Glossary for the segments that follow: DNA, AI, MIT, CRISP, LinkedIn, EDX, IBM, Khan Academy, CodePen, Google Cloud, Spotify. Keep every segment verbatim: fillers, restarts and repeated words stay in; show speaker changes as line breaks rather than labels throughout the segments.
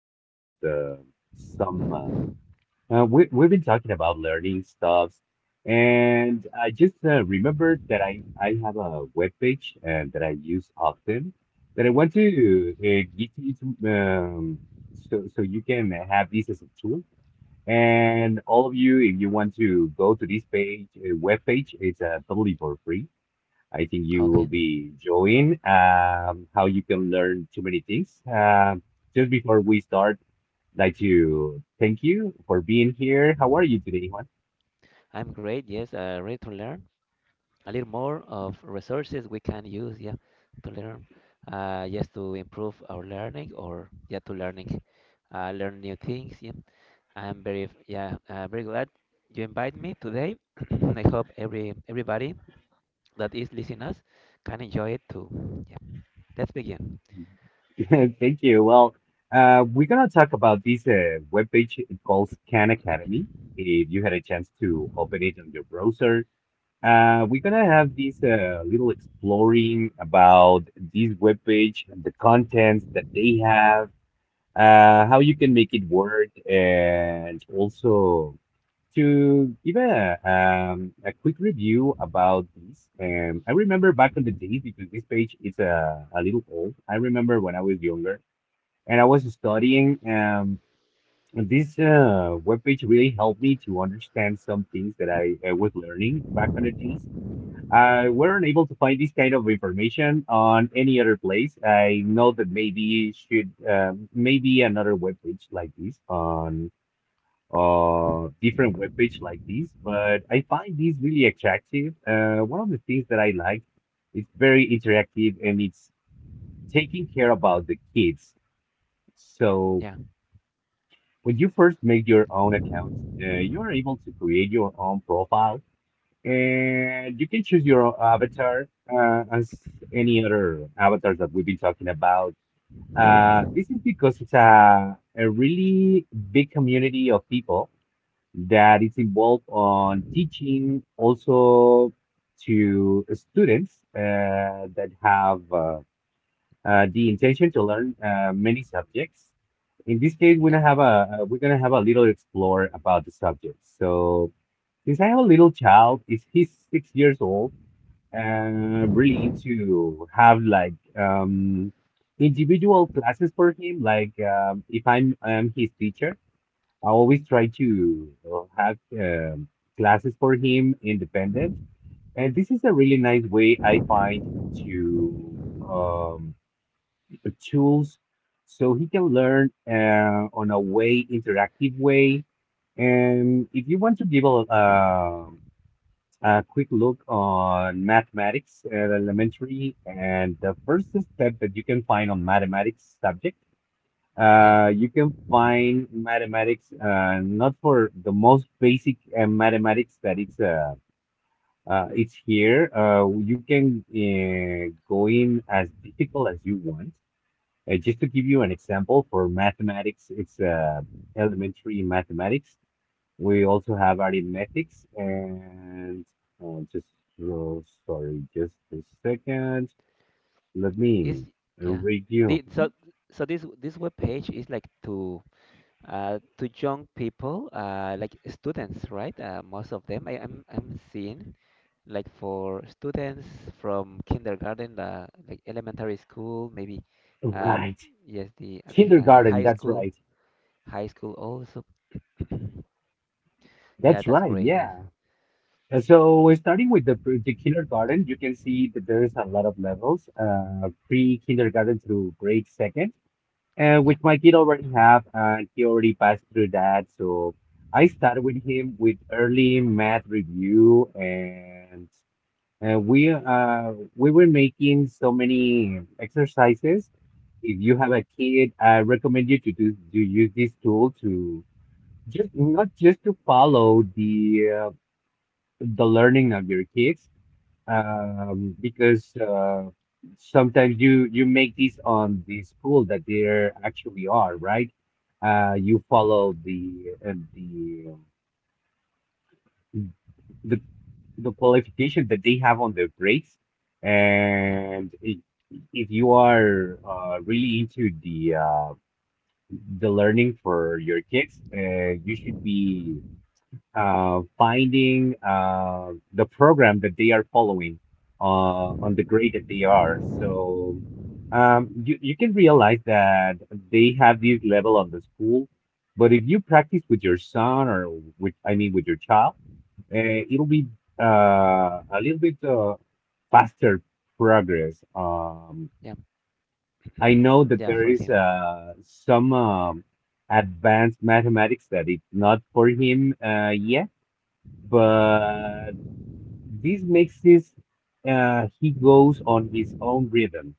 about uh, some. Uh, uh, we we've been talking about learning stuffs, and I just uh, remembered that I I have a webpage uh, that I use often that I want to uh, get you to um, so so you can have this as a tool. And all of you, if you want to go to this page, uh, web page, it's uh, totally for free. I think you will
Okay,
be enjoying um, how you can learn too many things. Um just before we start, I'd like to thank you for being here. How are you today, Juan?
I'm great. Yes, uh, ready to learn a little more of resources we can use, yeah, to learn, uh, yes, to improve our learning or yeah, to learning, uh, learn new things. Yeah, I'm very, f- yeah, uh, very glad you invite me today. I hope every everybody that is listening us can enjoy it too. Yeah, let's begin.
Thank you. Well, uh, we're gonna talk about this uh, webpage called Khan Academy. If you had a chance to open it on your browser, Uh, we're gonna have this uh, little exploring about this webpage, and the contents that they have, uh, how you can make it work, and also to give a um, a quick review about this. Um, I remember back in the days because this page is a a little old. I remember when I was younger and I was studying. Um, this uh, webpage really helped me to understand some things that I, I was learning back in the days. I weren't able to find this kind of information on any other place. I know that maybe should um, maybe another webpage like this on uh different webpage like this, but I find this really attractive. Uh, one of the things that I like, it's very interactive and it's taking care about the kids. So
Yeah,
when you first make your own account, uh, you're able to create your own profile. And you can choose your avatar uh, as any other avatars that we've been talking about. Uh, this is because it's a, a really big community of people that is involved on teaching also to students uh, that have uh, uh, the intention to learn uh, many subjects. In this case, we're
yeah,
gonna have a uh, we're gonna have a little explore about the subject. So since I have a little child, is he's six years old, uh, really to have like um, individual classes for him. Like um, if I'm I'm his teacher, I always try to uh, have um, classes for him independent. And this is a really nice way I find to um, tools so he can learn uh, on a way interactive way. And if you want to give a, um a quick look on mathematics at elementary and the first step that you can find on mathematics subject.
yes.
Uh, you can find mathematics uh, not for the most basic uh, mathematics that it's uh, uh, it's here. Uh, you can uh, go in as difficult as you want. Uh, just to give you an example for mathematics, it's uh, elementary mathematics. We also have arithmetics and uh, just uh, sorry, just a second. Let
Is
me
yeah.
read
The
you.
so so this this web page is like to uh, to young people, uh, like students, right? Uh, most of them I, I'm I'm seeing like for students from kindergarten, uh, like elementary school, maybe uh,
Right,
yes, the um, h- uh,
kindergarten.
high
That's
school,
right.
high school also. Yeah,
That's
that's
right.
great. Yes.
Yeah. Uh, So we're starting with the pre- the kindergarten. You can see that there's a lot of levels, uh, pre-kindergarten through grade second, uh,
Yeah.
which my kid already have, and he already passed through that. So I started with him with early math review. And Uh, we uh we were making so many exercises. If you have a kid, I recommend you to do to use this tool to just not just to follow the uh, the learning of your kids, um, because uh, sometimes you you make this on the school that they actually are, right? Uh, you
Yeah.
follow the uh, the um, the the qualification that they have on their grades.
Yeah.
And i- if you are uh, really into the uh, the learning for your kids, uh, you should be uh, finding uh, the program that they are following uh, on the grade that they are. So um, you, you can realize that they have this level on the school, but if you practice with your son or with, I mean, with your child, uh, it'll be uh, a little bit uh, faster progress. Um,
Yeah.
I know that
Yeah,
there
for
is
him.
uh, some um, advanced mathematics that it's not for him uh, yet but this makes this uh, he goes on his own rhythm.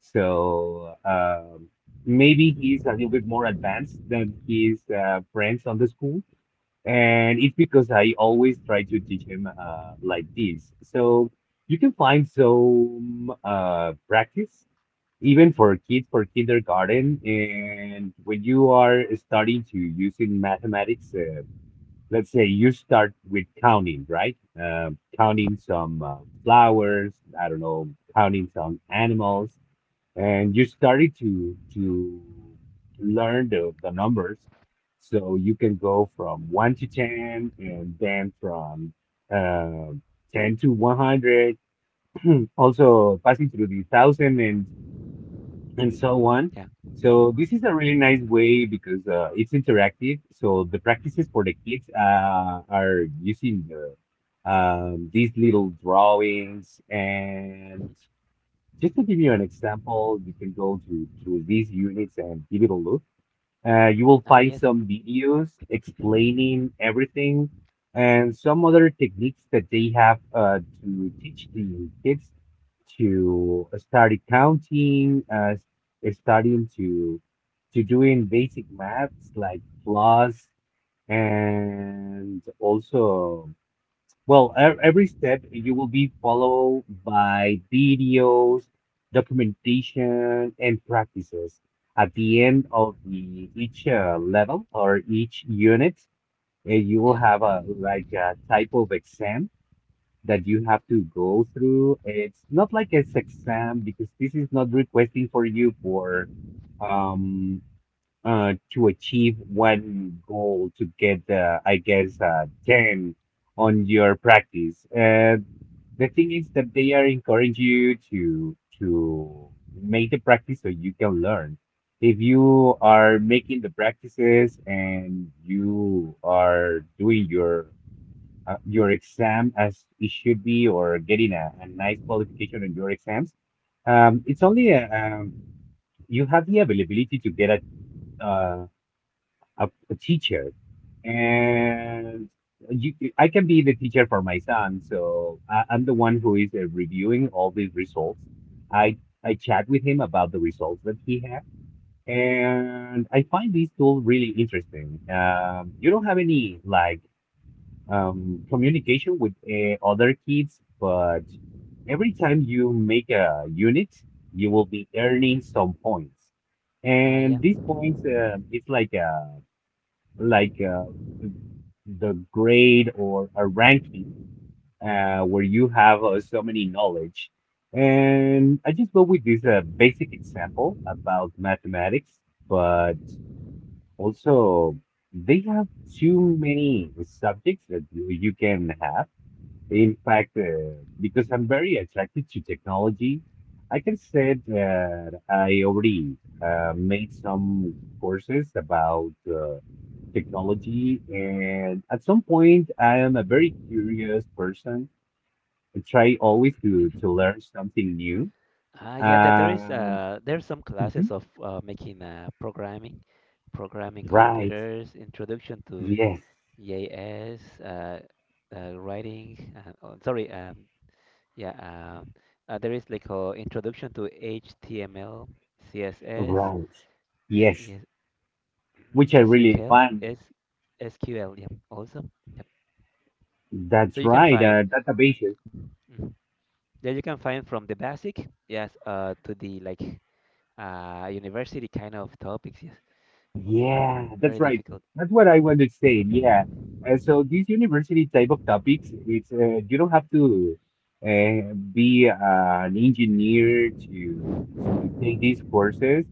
So um, maybe he's a little bit more advanced than his uh, friends on the school, and it's because I always try to teach him uh, like this. So you can find some uh, practice even for kids for kindergarten, and when you are starting to using mathematics. Uh, let's say you start with counting, right? Uh, counting some uh, flowers, I don't know, counting some animals, and you started to to learn the, the numbers. So you can go from one to ten, and then from uh, ten to one hundred. Also passing through the thousand and and so on.
Yeah.
So this is a really nice way because uh, it's interactive. So the practices for the kids uh, are using the, um, these little drawings. And just to give you an example, you can go to through these units and give it a look. Uh, you will
Ah,
find
yes.
some videos explaining everything and some other techniques that they have uh, to teach the kids to start counting, uh, starting to to doing basic maths like plus and also well, e- every step you will be followed by videos, documentation, and practices. At the end of the each uh, level or each unit, uh, you will
Yeah.
have a like a type of exam that you have to go through. It's not like an exam because this is not requesting for you for um uh, to achieve one goal to get, uh, I guess, uh, ten on your practice. And the thing is that they are encouraging you to to make the practice so you can learn. If you are making the practices and you are doing your uh, your exam as it should be, or getting a, a nice qualification on your exams, um, it's only a, um, you have the availability to get a uh a, a teacher and you, I can be the teacher for my son, so I, I'm the one who is uh, reviewing all these results. I I chat with him about the results that he had, and I find this tool really interesting. Um, you don't have any like um, communication with uh, other kids, but every time you make a unit, you will be earning some points.
Ah, yeah.
And these points, um, it's like a like uh, the grade or a ranking uh, where you have uh, so many knowledge. And I just go with this uh, basic example about mathematics, but also they have too many subjects that you you can have. In fact, uh, because I'm very attracted to technology, I can say that I already uh, made some courses about uh, technology. And at some point, I am a very curious person. I try always to to learn something new.
Ah, yeah. There, there is
Um,
uh, there are some classes
Mhm.
of uh, making uh, programming, programming
Right.
computers, introduction to.
Yes.
Yes, uh, uh, writing. Uh, oh, sorry. Um, yeah. Um, uh, there is like a introduction to H T M L, C S S,
Right. Yes.
yes,
Which I really
SQL,
find.
S, SQL. Yeah. Awesome. Yep.
That's
So you can
right. Uh,
find.
databases.
Mm, yeah, you can find from the basic, yes, uh, to the like uh university kind of topics. Yes.
Yeah, that's
Very
right.
difficult.
That's what I wanted to say. Yeah. Uh, so these university type of topics, it's uh, you don't have to uh, be an engineer to to take these courses.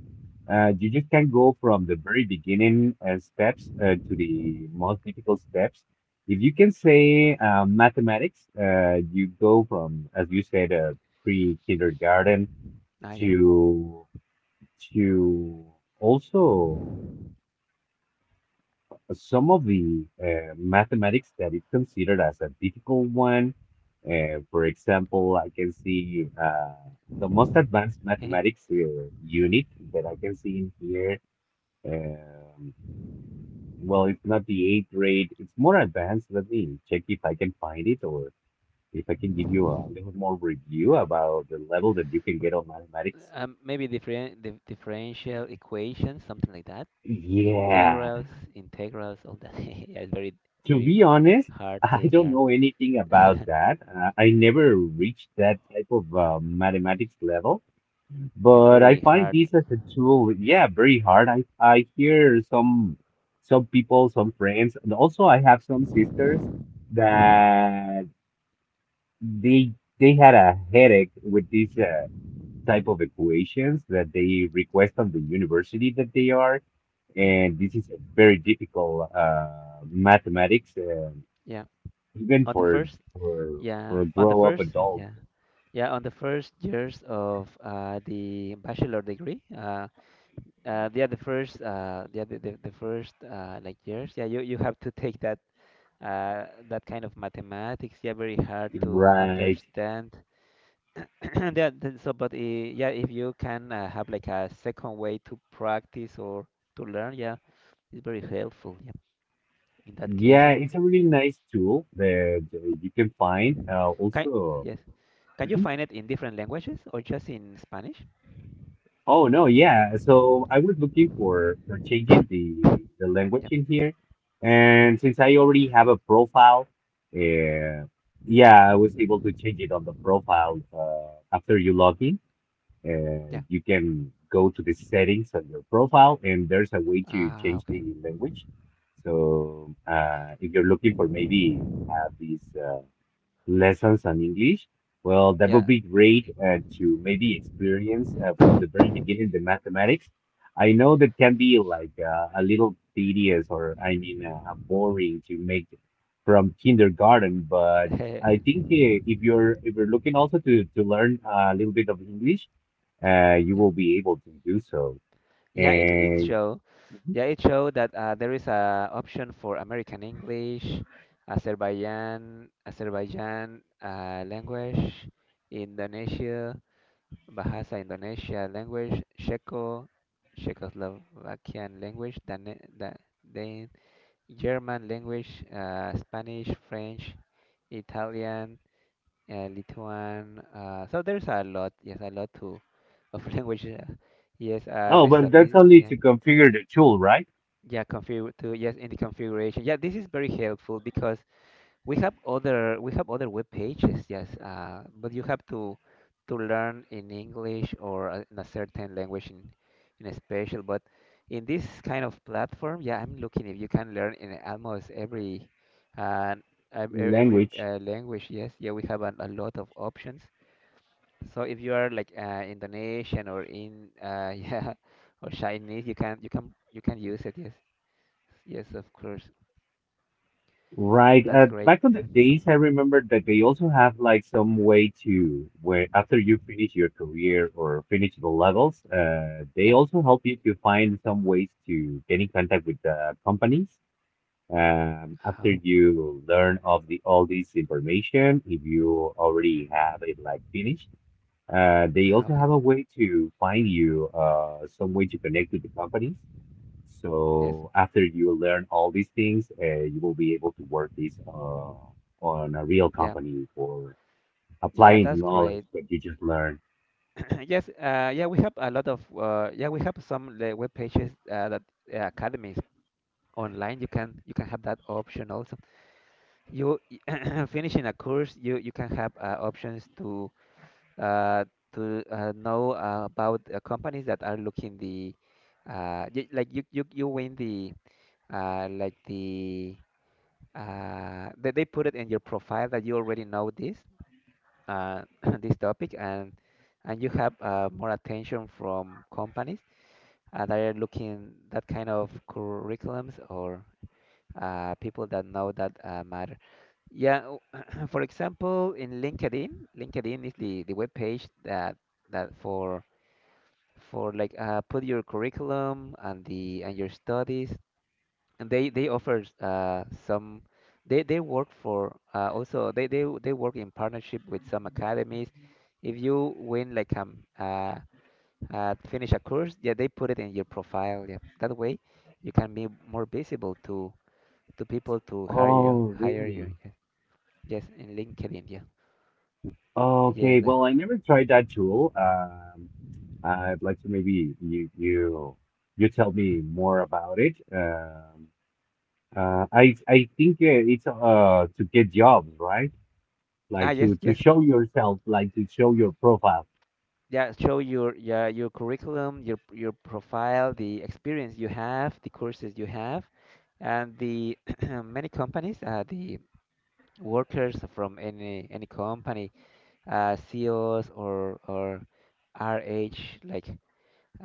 Uh, you just can go from the very beginning uh, steps uh, to the most difficult steps. If you can say uh, mathematics, uh, you go from, as you said, uh, pre-kindergarten
Ah,
to to also. Some of the uh, mathematics that is considered as a difficult one, uh, for example, I can see uh, the most advanced
yeah.
mathematics uh, unit that I can see in here. Um, well, it's not the eighth grade, it's more advanced. Let me check if I can find it or if I can give you a little more review about the level that you can get on mathematics.
Um, maybe different, the differential equations, something like that.
Yeah.
Integrals, integrals, all that. Yeah, it's very,
To
very
be honest,
hard
I
to
don't
learn.
know anything about that. Uh, I never reached that type of uh, mathematics level,
It's
but I
very
find
hard.
this as a tool, yeah, very hard. I, I hear some some people, some friends, and also I have some sisters that they they had a headache with these uh, type of equations that they request on the university that they are,
Yeah,
and this is a very difficult uh, mathematics. Uh,
yeah.
even
On the
for
first,
for
yeah,
for a
on the
grow up
first,
adult,
yeah, yeah, on the first years of uh, the bachelor degree, uh, uh, yeah, the first, uh, yeah, the, the, the first uh, like years, yeah, you, you have to take that uh, that kind of mathematics. Yeah, very hard to
right?
understand. Yeah, th- so but uh, yeah, if you can uh, have like a second way to practice or to learn, yeah, it's very helpful. Yeah, in that
Yeah,
cases,
it's a really nice tool that uh, you can find. Uh,
can
also,
yes, can you
mhm.
find it in different languages or just in Spanish?
Oh no, yeah. So I was looking for for changing the the language
Yeah,
in here, and since I already have a profile, uh, yeah, I was able to change it on the profile uh, after you log in. Uh,
yeah.
you can go to the settings on your profile, and there's a way to
Ah,
change
okay.
the language. So uh, if you're looking for maybe have these uh, lessons on English, well, that would
Yeah,
be great uh, to maybe experience uh, from the very beginning the mathematics. I know that can be like uh, a little tedious, or I mean uh, boring to make from kindergarten, but
yeah,
I think uh, if you're if you're looking also to to learn a little bit of English, uh, you will be able to do so.
yeah. It it
And
show, yeah, it show that uh, there is a option for American English, Azerbaijan, Azerbaijan uh, language, Indonesia. Bahasa Indonesia language, Czecho, Czechoslovakian language, Dane, Da- Dan- German language, uh, Spanish, French, Italian, uh, Lithuan. Uh, so there's a lot, yes, a lot to of languages. Uh, yes, uh,
oh,
this is a
but that's
bit,
only
yeah,
to configure the tool, right?
yeah, config to yes in the configuration. Yeah, this is very helpful because we have other we have other web pages, yes, uh, but you have to to learn in English or a- in a certain language in in a special. But in this kind of platform, yeah, I'm looking if you can learn in almost every uh, ev- ev- every
Language,
uh, language. Yes, yeah, we have a, a lot of options. So if you are like uh, Indonesian or in uh, yeah or Chinese, you can you can you can use it. Yes, yes, of course.
right?
That's
Uh,
great.
back on the days, I remember that they also have like some way to where after you finish your career or finish the levels, uh, they
Yep.
also help you to find some ways to get in contact with the companies. Um, after
Oh,
you learn of the all this information, if you already have it like finished. Uh, they
ah,
also
okay.
have a way to find you uh, some way to connect with the companies.
Yes.
So after you learn all these things, uh, you will be able to work this uh, on a real
Yeah.
company or
Yeah,
applying the
that's
knowledge
great.
that you just learned.
Yes, uh, yeah, we have a lot of uh, yeah, we have some like, web pages uh, that uh, academies online. You can you can have that option also. You finishing a course, you you can have uh, options to uh, to uh, know uh, about uh, companies that are looking the uh, y like you you you win the uh, like the uh, that they put it in your profile that you already know this uh, this topic, and and you have uh, more attention from companies uh, that are looking that kind of curriculums or uh, people that know that uh, matter. Yeah, o- for example, in LinkedIn, LinkedIn is the the web page that that for for like uh, put your curriculum and the and your studies and they they offer uh, some they they work for uh, also they they they work in partnership with some academies. If you win like um uh, uh finish a course, yeah, they put it in your profile. Yeah, that way you can be more visible to to people to hire you
Oh,
hire
really?
you. Yeah. Yes, in LinkedIn. Yeah. Yes.
Okay.
Like,
Well, I never tried that tool. Um, I'd like to maybe you you you tell
mm.
me more about it. Um, uh, I I think uh, it's uh to get jobs, right?
Ah,
Like to
yes,
to
yes,
show yourself, like to show your profile.
yeah, show your yeah your curriculum your your profile the experience you have the courses you have and the many companies uh, the workers from any any company uh, C E Os or or R H like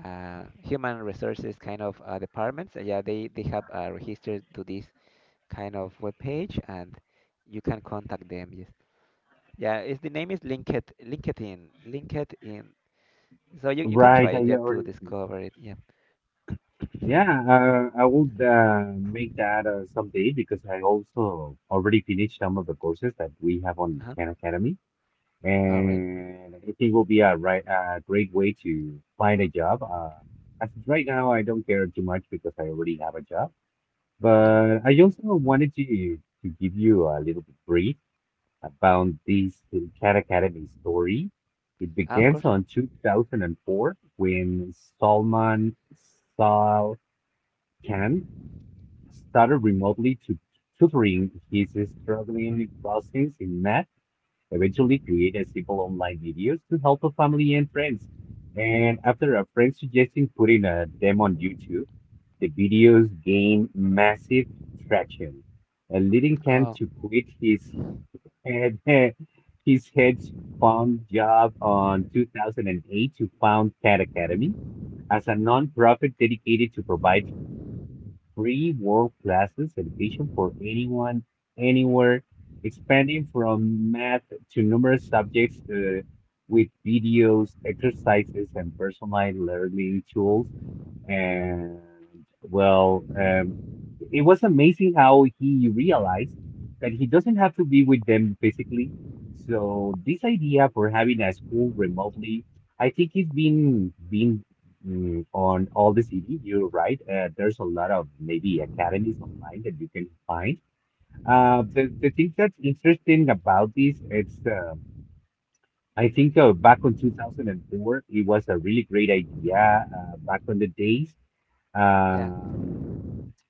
uh, human resources kind of uh, departments uh, yeah they they have uh, registered to this kind of web page and you can contact them yes yeah is the name is LinkedIn, linkedin, linkedin. So you, you can
Right,
try it,
I
yeah, to
already.
discover it, yeah.
Yeah, uh, I would uh, make that uh, someday because I also already finished some of the courses that we have on
Uh-huh.
Khan Academy,
All right,
and I think it will be a right a great way to find a job. Uh, as of right now, I don't care too much because I already have a job,
yeah.
but I also wanted to to give you a little bit brief about this Khan Academy story. It
Ah, of
begins
course.
on two thousand four when Salman Sal Khan started remotely to tutoring his struggling cousins in math, eventually created simple online videos to help a family and friends. And after a friend suggesting putting a demo on YouTube, the videos gained massive traction, uh, leading Khan
Oh,
to quit his had his hedge fund job on two thousand eight to found Khan Academy as a nonprofit dedicated to provide free world class education for anyone, anywhere, expanding from math to numerous subjects uh, with videos, exercises, and personalized learning tools. And well, um, it was amazing how he realized that he doesn't have to be with them physically. So this idea for having a school remotely, I think it's been been mm, on all the city. You're right. Uh, there's a lot of maybe academies online that you can find. Uh, the the thing that's interesting about this, it's um I think uh, back on two thousand four, it was a really great idea uh, back on the days.
yeah.
um,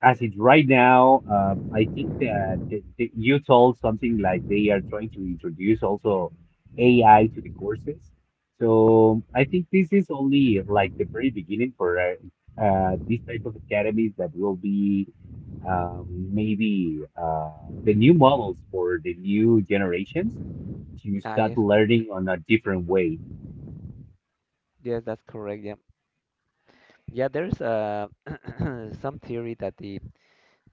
as it right now, uh, I think that th- th- you told something like they are trying to introduce also A I to the courses. So I think this is only like the very beginning for uh, uh, this type of academies that will be um, maybe uh, the new models for the new generations to
Ah,
start
yes.
learning on a different way.
Yes, that's correct, yeah. Yeah, there's uh some theory that the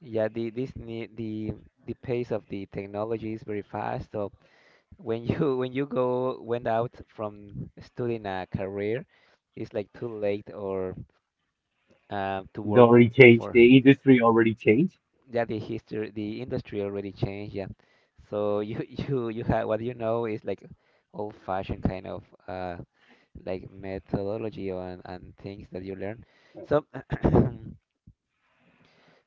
yeah, the this ne the the pace of the technology is very fast. So when you when you go went out from studying a career, it's like too late or uh, to
It
work
already changed.
for.
The industry already changed.
Yeah the history the industry already changed yeah so you you you have what you know is like old fashioned kind of uh like methodology on and things that you learn so uh,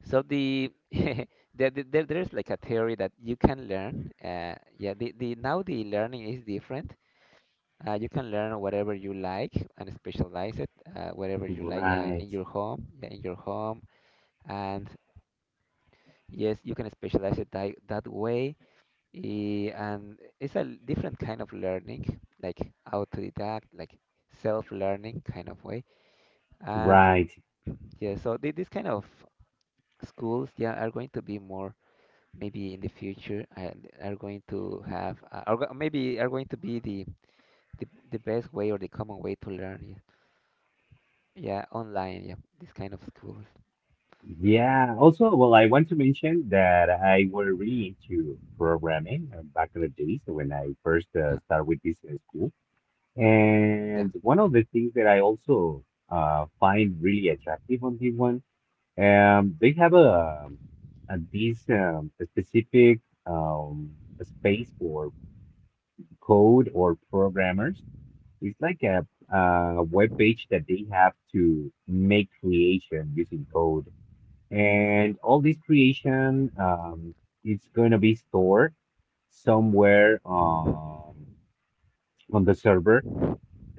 so the there, there there- there's like a theory that you can learn uh yeah the, the now the learning is different uh you can learn whatever you like and specialize it uh whatever you like uh, in
Right,
your home yeah in your home and yes you can specialize it that, that way. Eh, and it's a different kind of learning, like autodidact, like self-learning kind of way. And
right.
yeah, so thi- these kind of schools, yeah, are going to be more maybe in the future and are going to have uh, are go- maybe are going to be the, the the best way or the common way to learn. Yeah, yeah, online. Yeah, these kind of schools.
Yeah. Also, well, I want to mention that I were really into programming uh, back in the days when I first uh,
Uh,
started with this in school.
yeah.
And one of the things that I also uh, find really attractive on this one, um, they have a, a this um, a specific um, a space for code or programmers. It's like a, a web page that they have to make creation using code, and all this creation, um, it's going to be stored somewhere um, on the server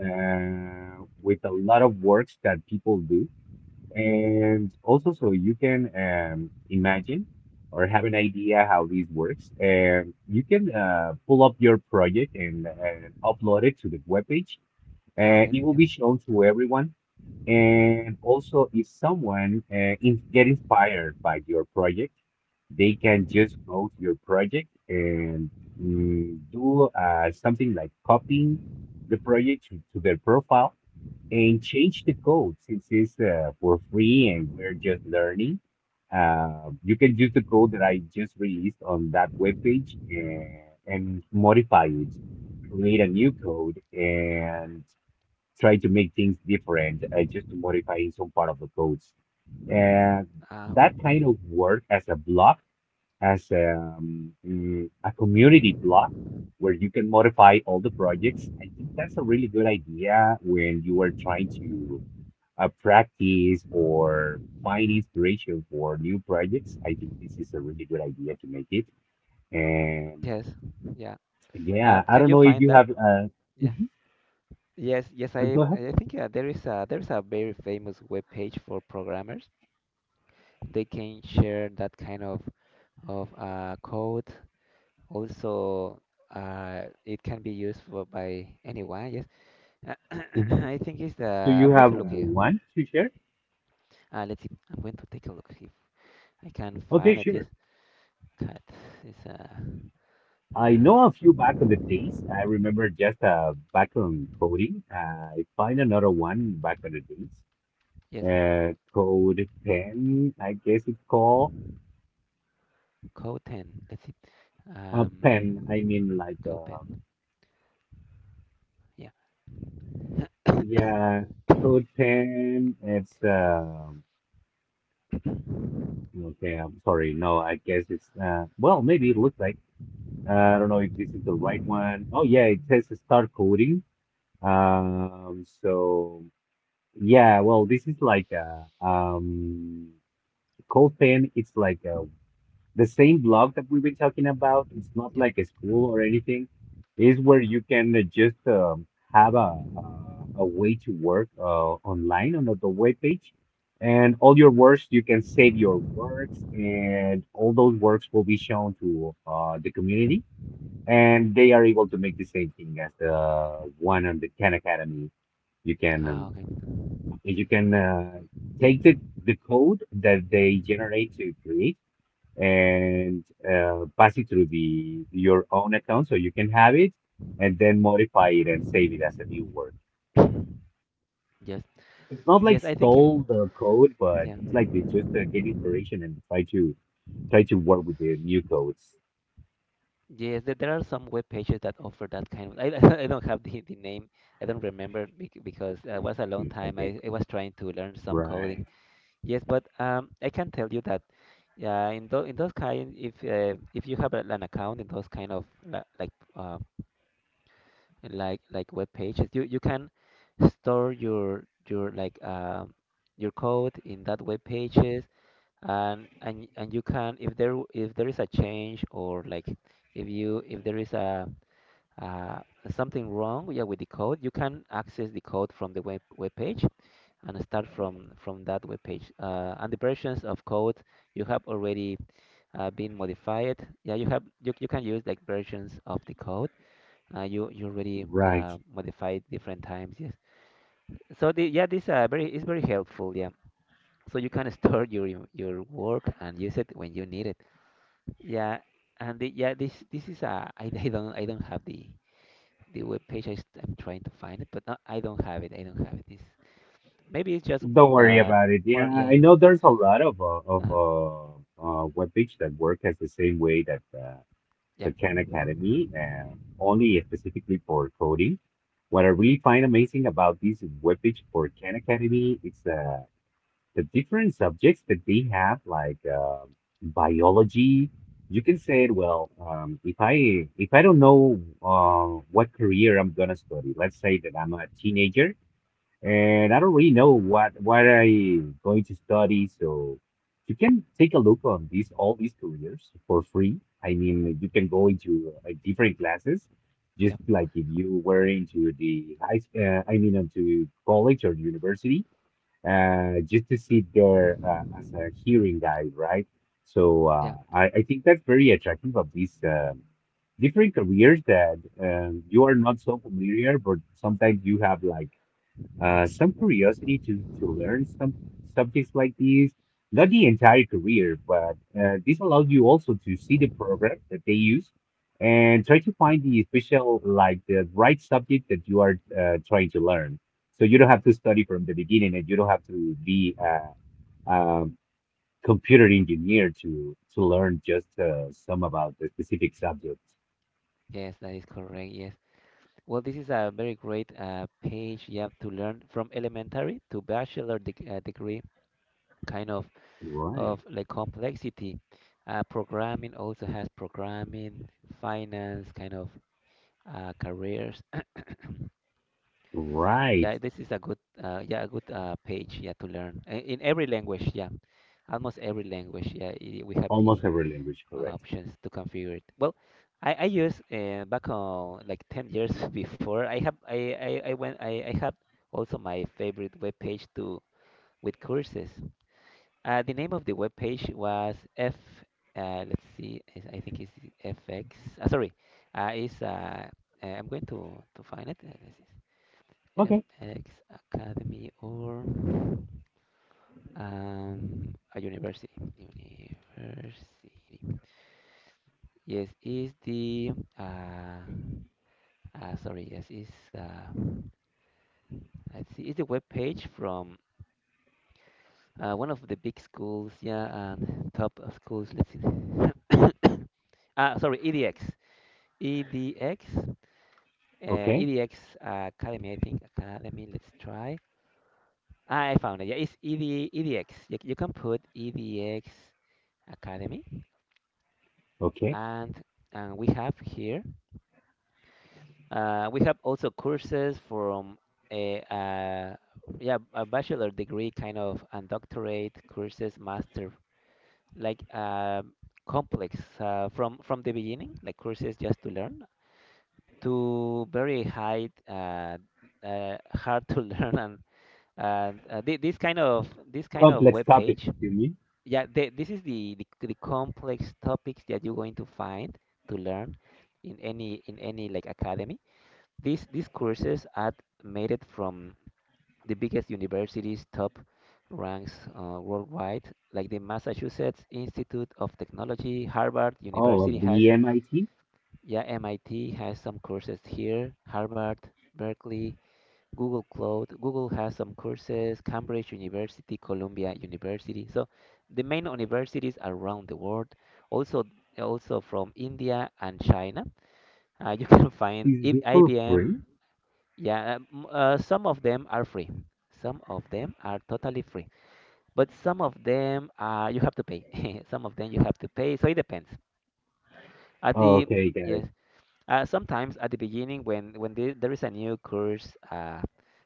uh, with a lot of works that people do. And also, so you can um, imagine or have an idea how this works. And you can uh, pull up your project and, and upload it to the webpage.
Ah,
Uh,
okay.
it will
Yeah.
be shown to everyone. And also, if someone uh, in, get inspired by your project, they can just go to your project and mm, do uh, something like copying the project to, to their profile and change the code since it's uh, for free and we're just learning. Uh, you can use the code that I just released on that webpage and, and modify it, create a new code, and try to make things different, uh, just to modifying some part of the codes. And
Ah, okay.
that kind of work as a block, as um, mm, a community block, where you can modify all the projects. I think that's a really good idea when you are trying to uh, practice or find inspiration for new projects. I think this is a really good idea to make it. And
Yes. Yeah. Uh,
yeah, I
can
don't
you
know if
find
you
that?
have uh,
Yeah.
mhm,
Yes, yes, I
go ahead.
I think uh, there is a there's a very famous web page for programmers. They can share that kind of of uh, code. Also, uh, it can be used for by anyone. Yes, uh,
Mhm.
I think it's the
Do you
I'm going
have
to look here.
one to share?
Uh, let's see. I'm going to take a look if I can
Okay,
find it. Yes,
sure.
cat is uh,
I
uh
know a few back on the days. I remember just uh, back on coding. I find another one back on the days.
yes
Uh, Code pen, I guess it's called
code ten. Let's see.
a uh, pen. I
Um,
mean, like,
code
uh,
pen. Yeah.
yeah, code pen. It's uh, okay. I'm sorry. No, I guess it's uh, well, maybe it looks like uh, I don't know if this is the right one. Oh yeah, it says start coding. Um, so. Yeah, well, this is like uh um Cold Pen, it's like uh the same blog that we've been talking about. It's not
Yep.
like a school or anything. It's where you can uh, just um, have a, a a way to work uh, online on the web page, and all your works you can save your works, and all those works will be shown to uh the community, and they are able to make the same thing as the one on the Khan Academy. You can
Ah,
um,
okay.
you can uh, take the, the code that they generate to create, and uh, pass it through the your own account so you can have it and then modify it and save it as a new work.
Yes.
It's not like
Yes, I think
stole
um,
the code, but
yeah.
it's like you just uh, get inspiration and try to try to work with the new codes.
Yes, there, there are some web pages that offer that kind of. I, I don't have the, the name. I don't remember bec- because uh, it was a long
Hmm,
time.
Okay,
I, I was trying to learn some
right,
coding. Yes, but um, I can tell you that yeah, in those in those kind, if uh, if you have a, an account in those kind of li- like uh, like like web pages, you you can store your your like um your code in that web pages, and and and you can if there if there is a change or like if you if there is a uh, something wrong yeah, with the code, you can access the code from the web, web page and start from, from that web page. Uh, and the versions of code you have already uh, been modified. Yeah, you have you, you can use like versions of the code. Uh, you you already uh,
right.
modified different times. Yes. So the yeah this uh, very is very helpful. Yeah. So you can store your your your work and use it when you need it. Yeah. And the, yeah this this is uh, I, I don't I don't have the the web page. I, am trying to find it, but no, I don't have it. I don't have it. It's, maybe it's just
Don't worry
uh,
about it. Yeah,
more.
I
Yeah,
know there's a lot of uh, of
uh
uh, uh, web page that work as the same way that uh,
yeah,
the Khan Academy, uh, only specifically for coding. What I really find amazing about this webpage for Khan Academy is uh, the different subjects that they have, like uh, biology. You can say, well, um, if I if I don't know uh, what career I'm gonna study, let's say that I'm a teenager and I don't really know what what I going to study, so you can take a look on these all these careers for free. I mean, you can go into uh, different classes, just
yeah,
like if you were into the high, s- uh, I mean, into college or university, uh, just to sit there uh, as a hearing guide, right? So
yeah.
uh, I, I think that's very attractive of these um different careers that um, you are not so familiar, but sometimes you have like uh, some curiosity to, to learn some subjects like these. Not the entire career, but uh, this allows you also to see the program that they use and try to find the special, like the right subject that you are uh, trying to learn. So you don't have to study from the beginning and you don't have to be a, a computer engineer to, to learn just uh, some about the specific subject.
Yes, that is correct. Yes. Well, this is a very great uh, page. You have to learn from elementary to bachelor deg uh, degree, kind of
Right,
of like complexity. Uh, programming also has programming, finance, kind of uh, careers.
right.
Yeah, this is a good, uh, yeah, a good uh, page, yeah, to learn uh, in every language. Yeah, almost every language. Yeah, i- we have the
Almost every language, correct.
options to configure it. Well, I I used uh, back on like ten years before. I have I I, I went I I had also my favorite web page to with courses. Uh, the name of the web page was F. Uh, let's see, is- I think it's F X. Uh, sorry, uh, is uh, uh, I'm going to to find it. Uh, let's see.
Okay,
F X Academy or um, a university. University. Yes, is the uh, uh, sorry. Yes, is uh, let's see. Is the web page from uh, one of the big schools? Yeah, and top of schools. Let's see. Ah, sorry, E D X. E D X. Uh,
okay,
E D X Academy. I think Academy. Let's try. Ah, I found it. Yeah, it's E D, E D X. You, you can put E D X Academy
okay.
and and we have here uh, we have also courses from a uh, yeah a bachelor degree kind of and doctorate courses master like uh, complex uh, from from the beginning like courses just to learn to very high uh, uh, hard to learn and and uh, thi- this kind of this kind of
Complex
web
topics,
page.
you mean?
Yeah the, this is the, the the complex topics that you're going to find to learn in any in any like academy. these these courses are made it from the biggest universities, top ranks, uh, worldwide, like the Massachusetts Institute of Technology, Harvard
Oh,
University
well,
has.
the M I T?
Yeah, MIT has some courses here. Harvard, Berkeley, Google Cloud. Google has some courses, Cambridge University, Columbia University. So the main universities around the world, also also from India and China. Uh, you can find
Is this
I-
for
IBM.
free?
Yeah, um, uh, some of them are free. Some of them are totally free, but some of them uh, you have to pay. Some of them you have to pay. So it depends. At the,
Okay, got it.
yes, uh, sometimes at the beginning, when when the, there is a new course uh,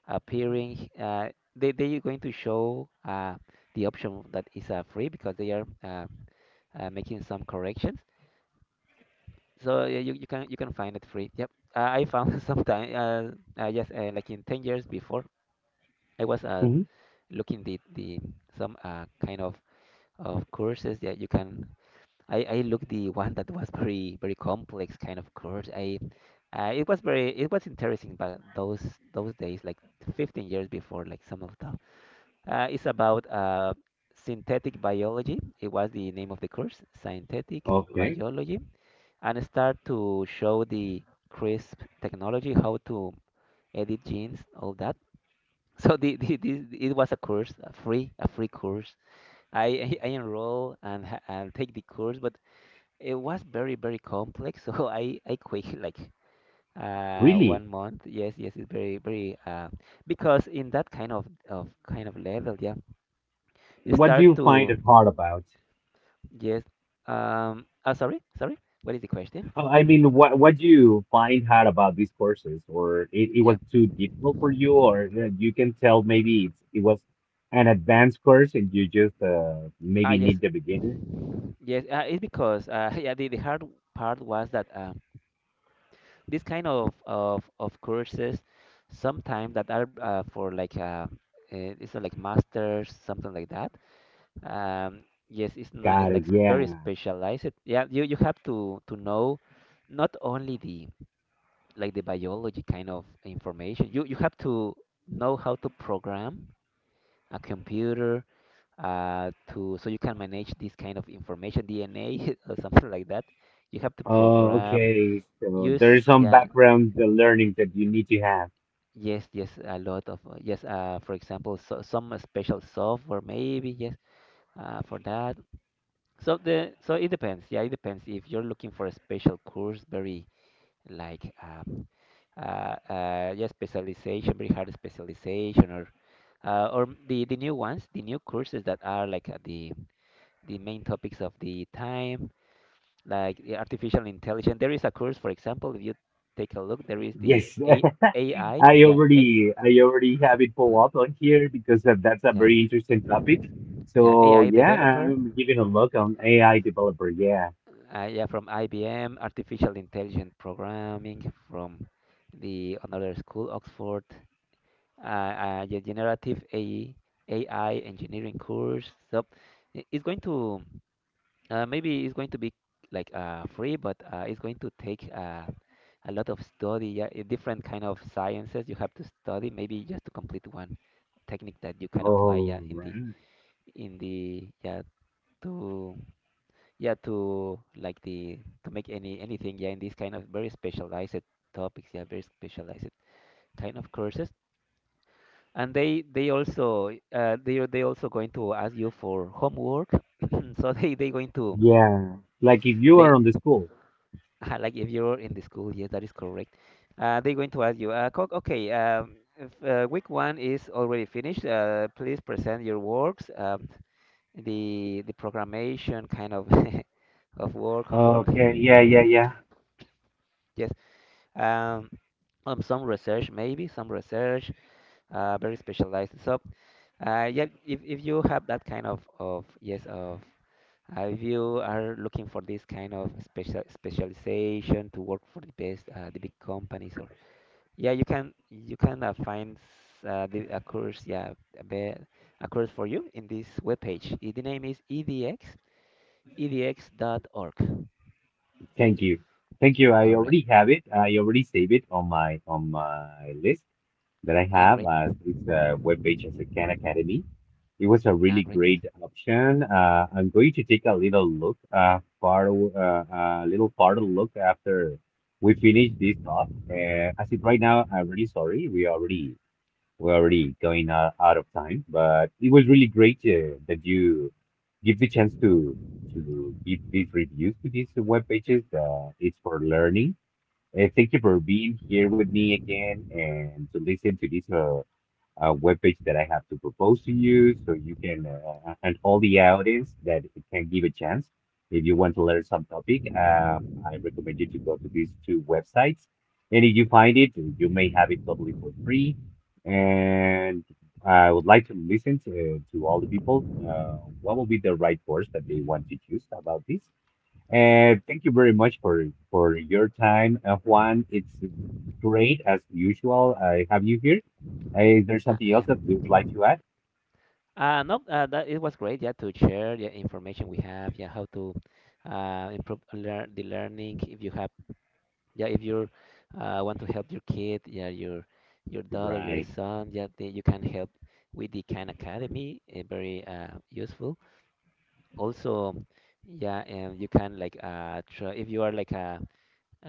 appearing, uh, they they are going to show uh, the option that is uh, free because they are uh, uh, making some corrections. So yeah, you, you can you can find it free. Yep, uh, I found sometime uh, uh, yes, uh, like in ten years before, I was uh,
Hmm.
looking the the some uh, kind of of courses that you can. I I looked the one that was very very complex kind of course. I uh, It was very, it was interesting, but those those days like fifteen years before, like some of the, uh, it's about uh, synthetic biology. It was the name of the course, synthetic
Okay,
biology, and start to show the CRISP technology, how to edit genes, all that. So the, the, the it was a course, a free a free course. I I, I enroll and ha- and take the course, but it was very, very complex, so I I quit like uh
really?
one month. Yes, yes, it's very, very uh, because in that kind of of kind of level, yeah, you
What do
start
you find
to,
it hard about?
yes. Um. Oh, sorry, sorry. What is the question?
Uh, I mean, what what do you find hard about these courses? Or it, it
Yeah.
was too difficult for you, or uh, you can tell maybe it's, it was an advanced course and you just uh,
Ah,
maybe
yes.
need the beginner?
Yes, uh, it's because uh, yeah, the, the hard part was that uh, this kind of, of of courses sometimes that are uh, for like uh, uh, it's not like masters something like that. Um, yes, it's not, it's
Got
like
it,
s- very
yeah.
specialized. Yeah, you, you have to to know, not only the, like the biology kind of information. You you have to know how to program a computer, uh, to so you can manage this kind of information, D N A or something like that. You have to
Oh,
program,
okay. So
use,
there's some
yeah,
background uh, learning that you need to have.
yes, yes, a lot of uh, yes. Uh, for example, so, some special software maybe, yes, uh, for that. So the, so it depends. Yeah, it depends. If you're looking for a special course, very like um, uh, uh, yeah, specialization, very hard specialization, or uh, or the the new ones, the new courses that are like uh, the the main topics of the time, like the artificial intelligence. There is a course, for example, if you take a look, there is the
Yes,
A AI.
I
Yeah, A,
already I already have it
uh,
pull up on here because that, that's a
yeah,
very interesting topic.
yeah,
So
A I
yeah,
developer.
I'm giving a look on A I developer. Yeah.
Uh, yeah, from I B M, artificial intelligent programming from the another school, Oxford, uh, uh, the generative A I, A I engineering course. So i- it's going to uh, maybe it's going to be like uh, free, but uh, it's going to take uh, a lot of study. Yeah, i- different kind of sciences you have to study. Maybe just to complete one technique that you can apply. Yeah,
All
in the
right.
in the, yeah, to, yeah, to, like the, to make any anything, yeah, in these kind of very specialized topics, yeah, very specialized kind of courses. And they they also, uh, they are- they also going to ask you for homework. So they they going to,
Yeah. Like if you
they
are on the school.
like if you're in the school. Yes, that is correct. Uh, they going to ask you, uh, co- okay, um, if, uh, week one is already finished, uh, please present your works, um, the the programmation kind of of work homework.
Okay. Yeah. Yeah. Yeah.
Yes, um, um, some research, maybe some research, uh, very specialized. So uh, yeah, if, if you have that kind of of yes of uh, if you are looking for this kind of special specialization to work for the best, uh, the big companies, or yeah, you can you can uh, find s- uh, the, a course yeah a, be, a course for you in this webpage. Eh, the name is edx e d x dot org.
Thank you. Thank you. I
All right.
already have it. I already save it on my on my list that I
Ah,
have
great.
as this uh, webpage as a Khan Academy. It was a
Ah,
really
great, yes.
great option. Uh, I'm going to take a little look, uh, far, uh, a little farther look after we finish this talk. Uh, as it right now, I'm really sorry. We already we're already going uh, out of time, but it was really great uh, that you give the chance to to give these reviews to these web pages. Uh, it's for learning. Uh, thank you for being here with me again and to listen to this. Uh, uh, webpage that I have to propose to you so you can, uh, and all the audience that it can give a chance. If you want to learn some topic, um, I recommend you to go to these two websites. And if you find it, you may have it totally for free. And I would like to listen to, to all the people. Uh, what will be the right course that they want to choose about this? Uh, thank you very much for for your time, uh, Juan. It's great as usual. I have you here. Uh, is there
Ah,
something
yeah.
else that you would like to add?
Uh, no, uh, that it was great. Yeah, to share the information we have. Yeah, how to uh, improve learn the learning. If you have, yeah, if you uh, want to help your kid, yeah, your your daughter, your
Right.
son, yeah, they, you can help with the Khan Academy. Uh, very uh, useful. Also, yeah, and you can like uh, try, if you are like a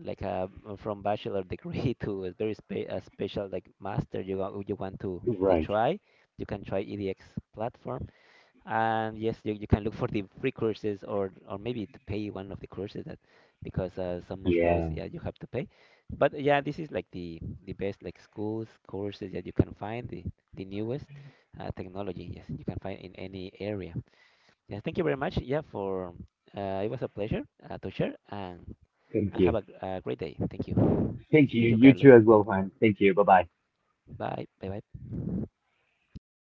like a mm, from bachelor degree to a very spe a special, like master, you wa- you want to to
Right.
try, you can try E D X platform. And yes, you, you can look for the free courses, or or maybe to pay one of the courses, that because uh, some of those,
Yeah.
yeah, you have to pay. But yeah, this is like the the best like schools courses that you can find, the the newest uh, technology, yes, you can find in any area. Yeah, thank you very much. Yeah, for uh, it was a pleasure uh, to share and
Thank
and have
you.
a, gr- a great day. Thank you.
Thank you.
Thank you,
You
Carlos.
too as well, Juan. Thank you. Bye bye.
Bye. Bye bye.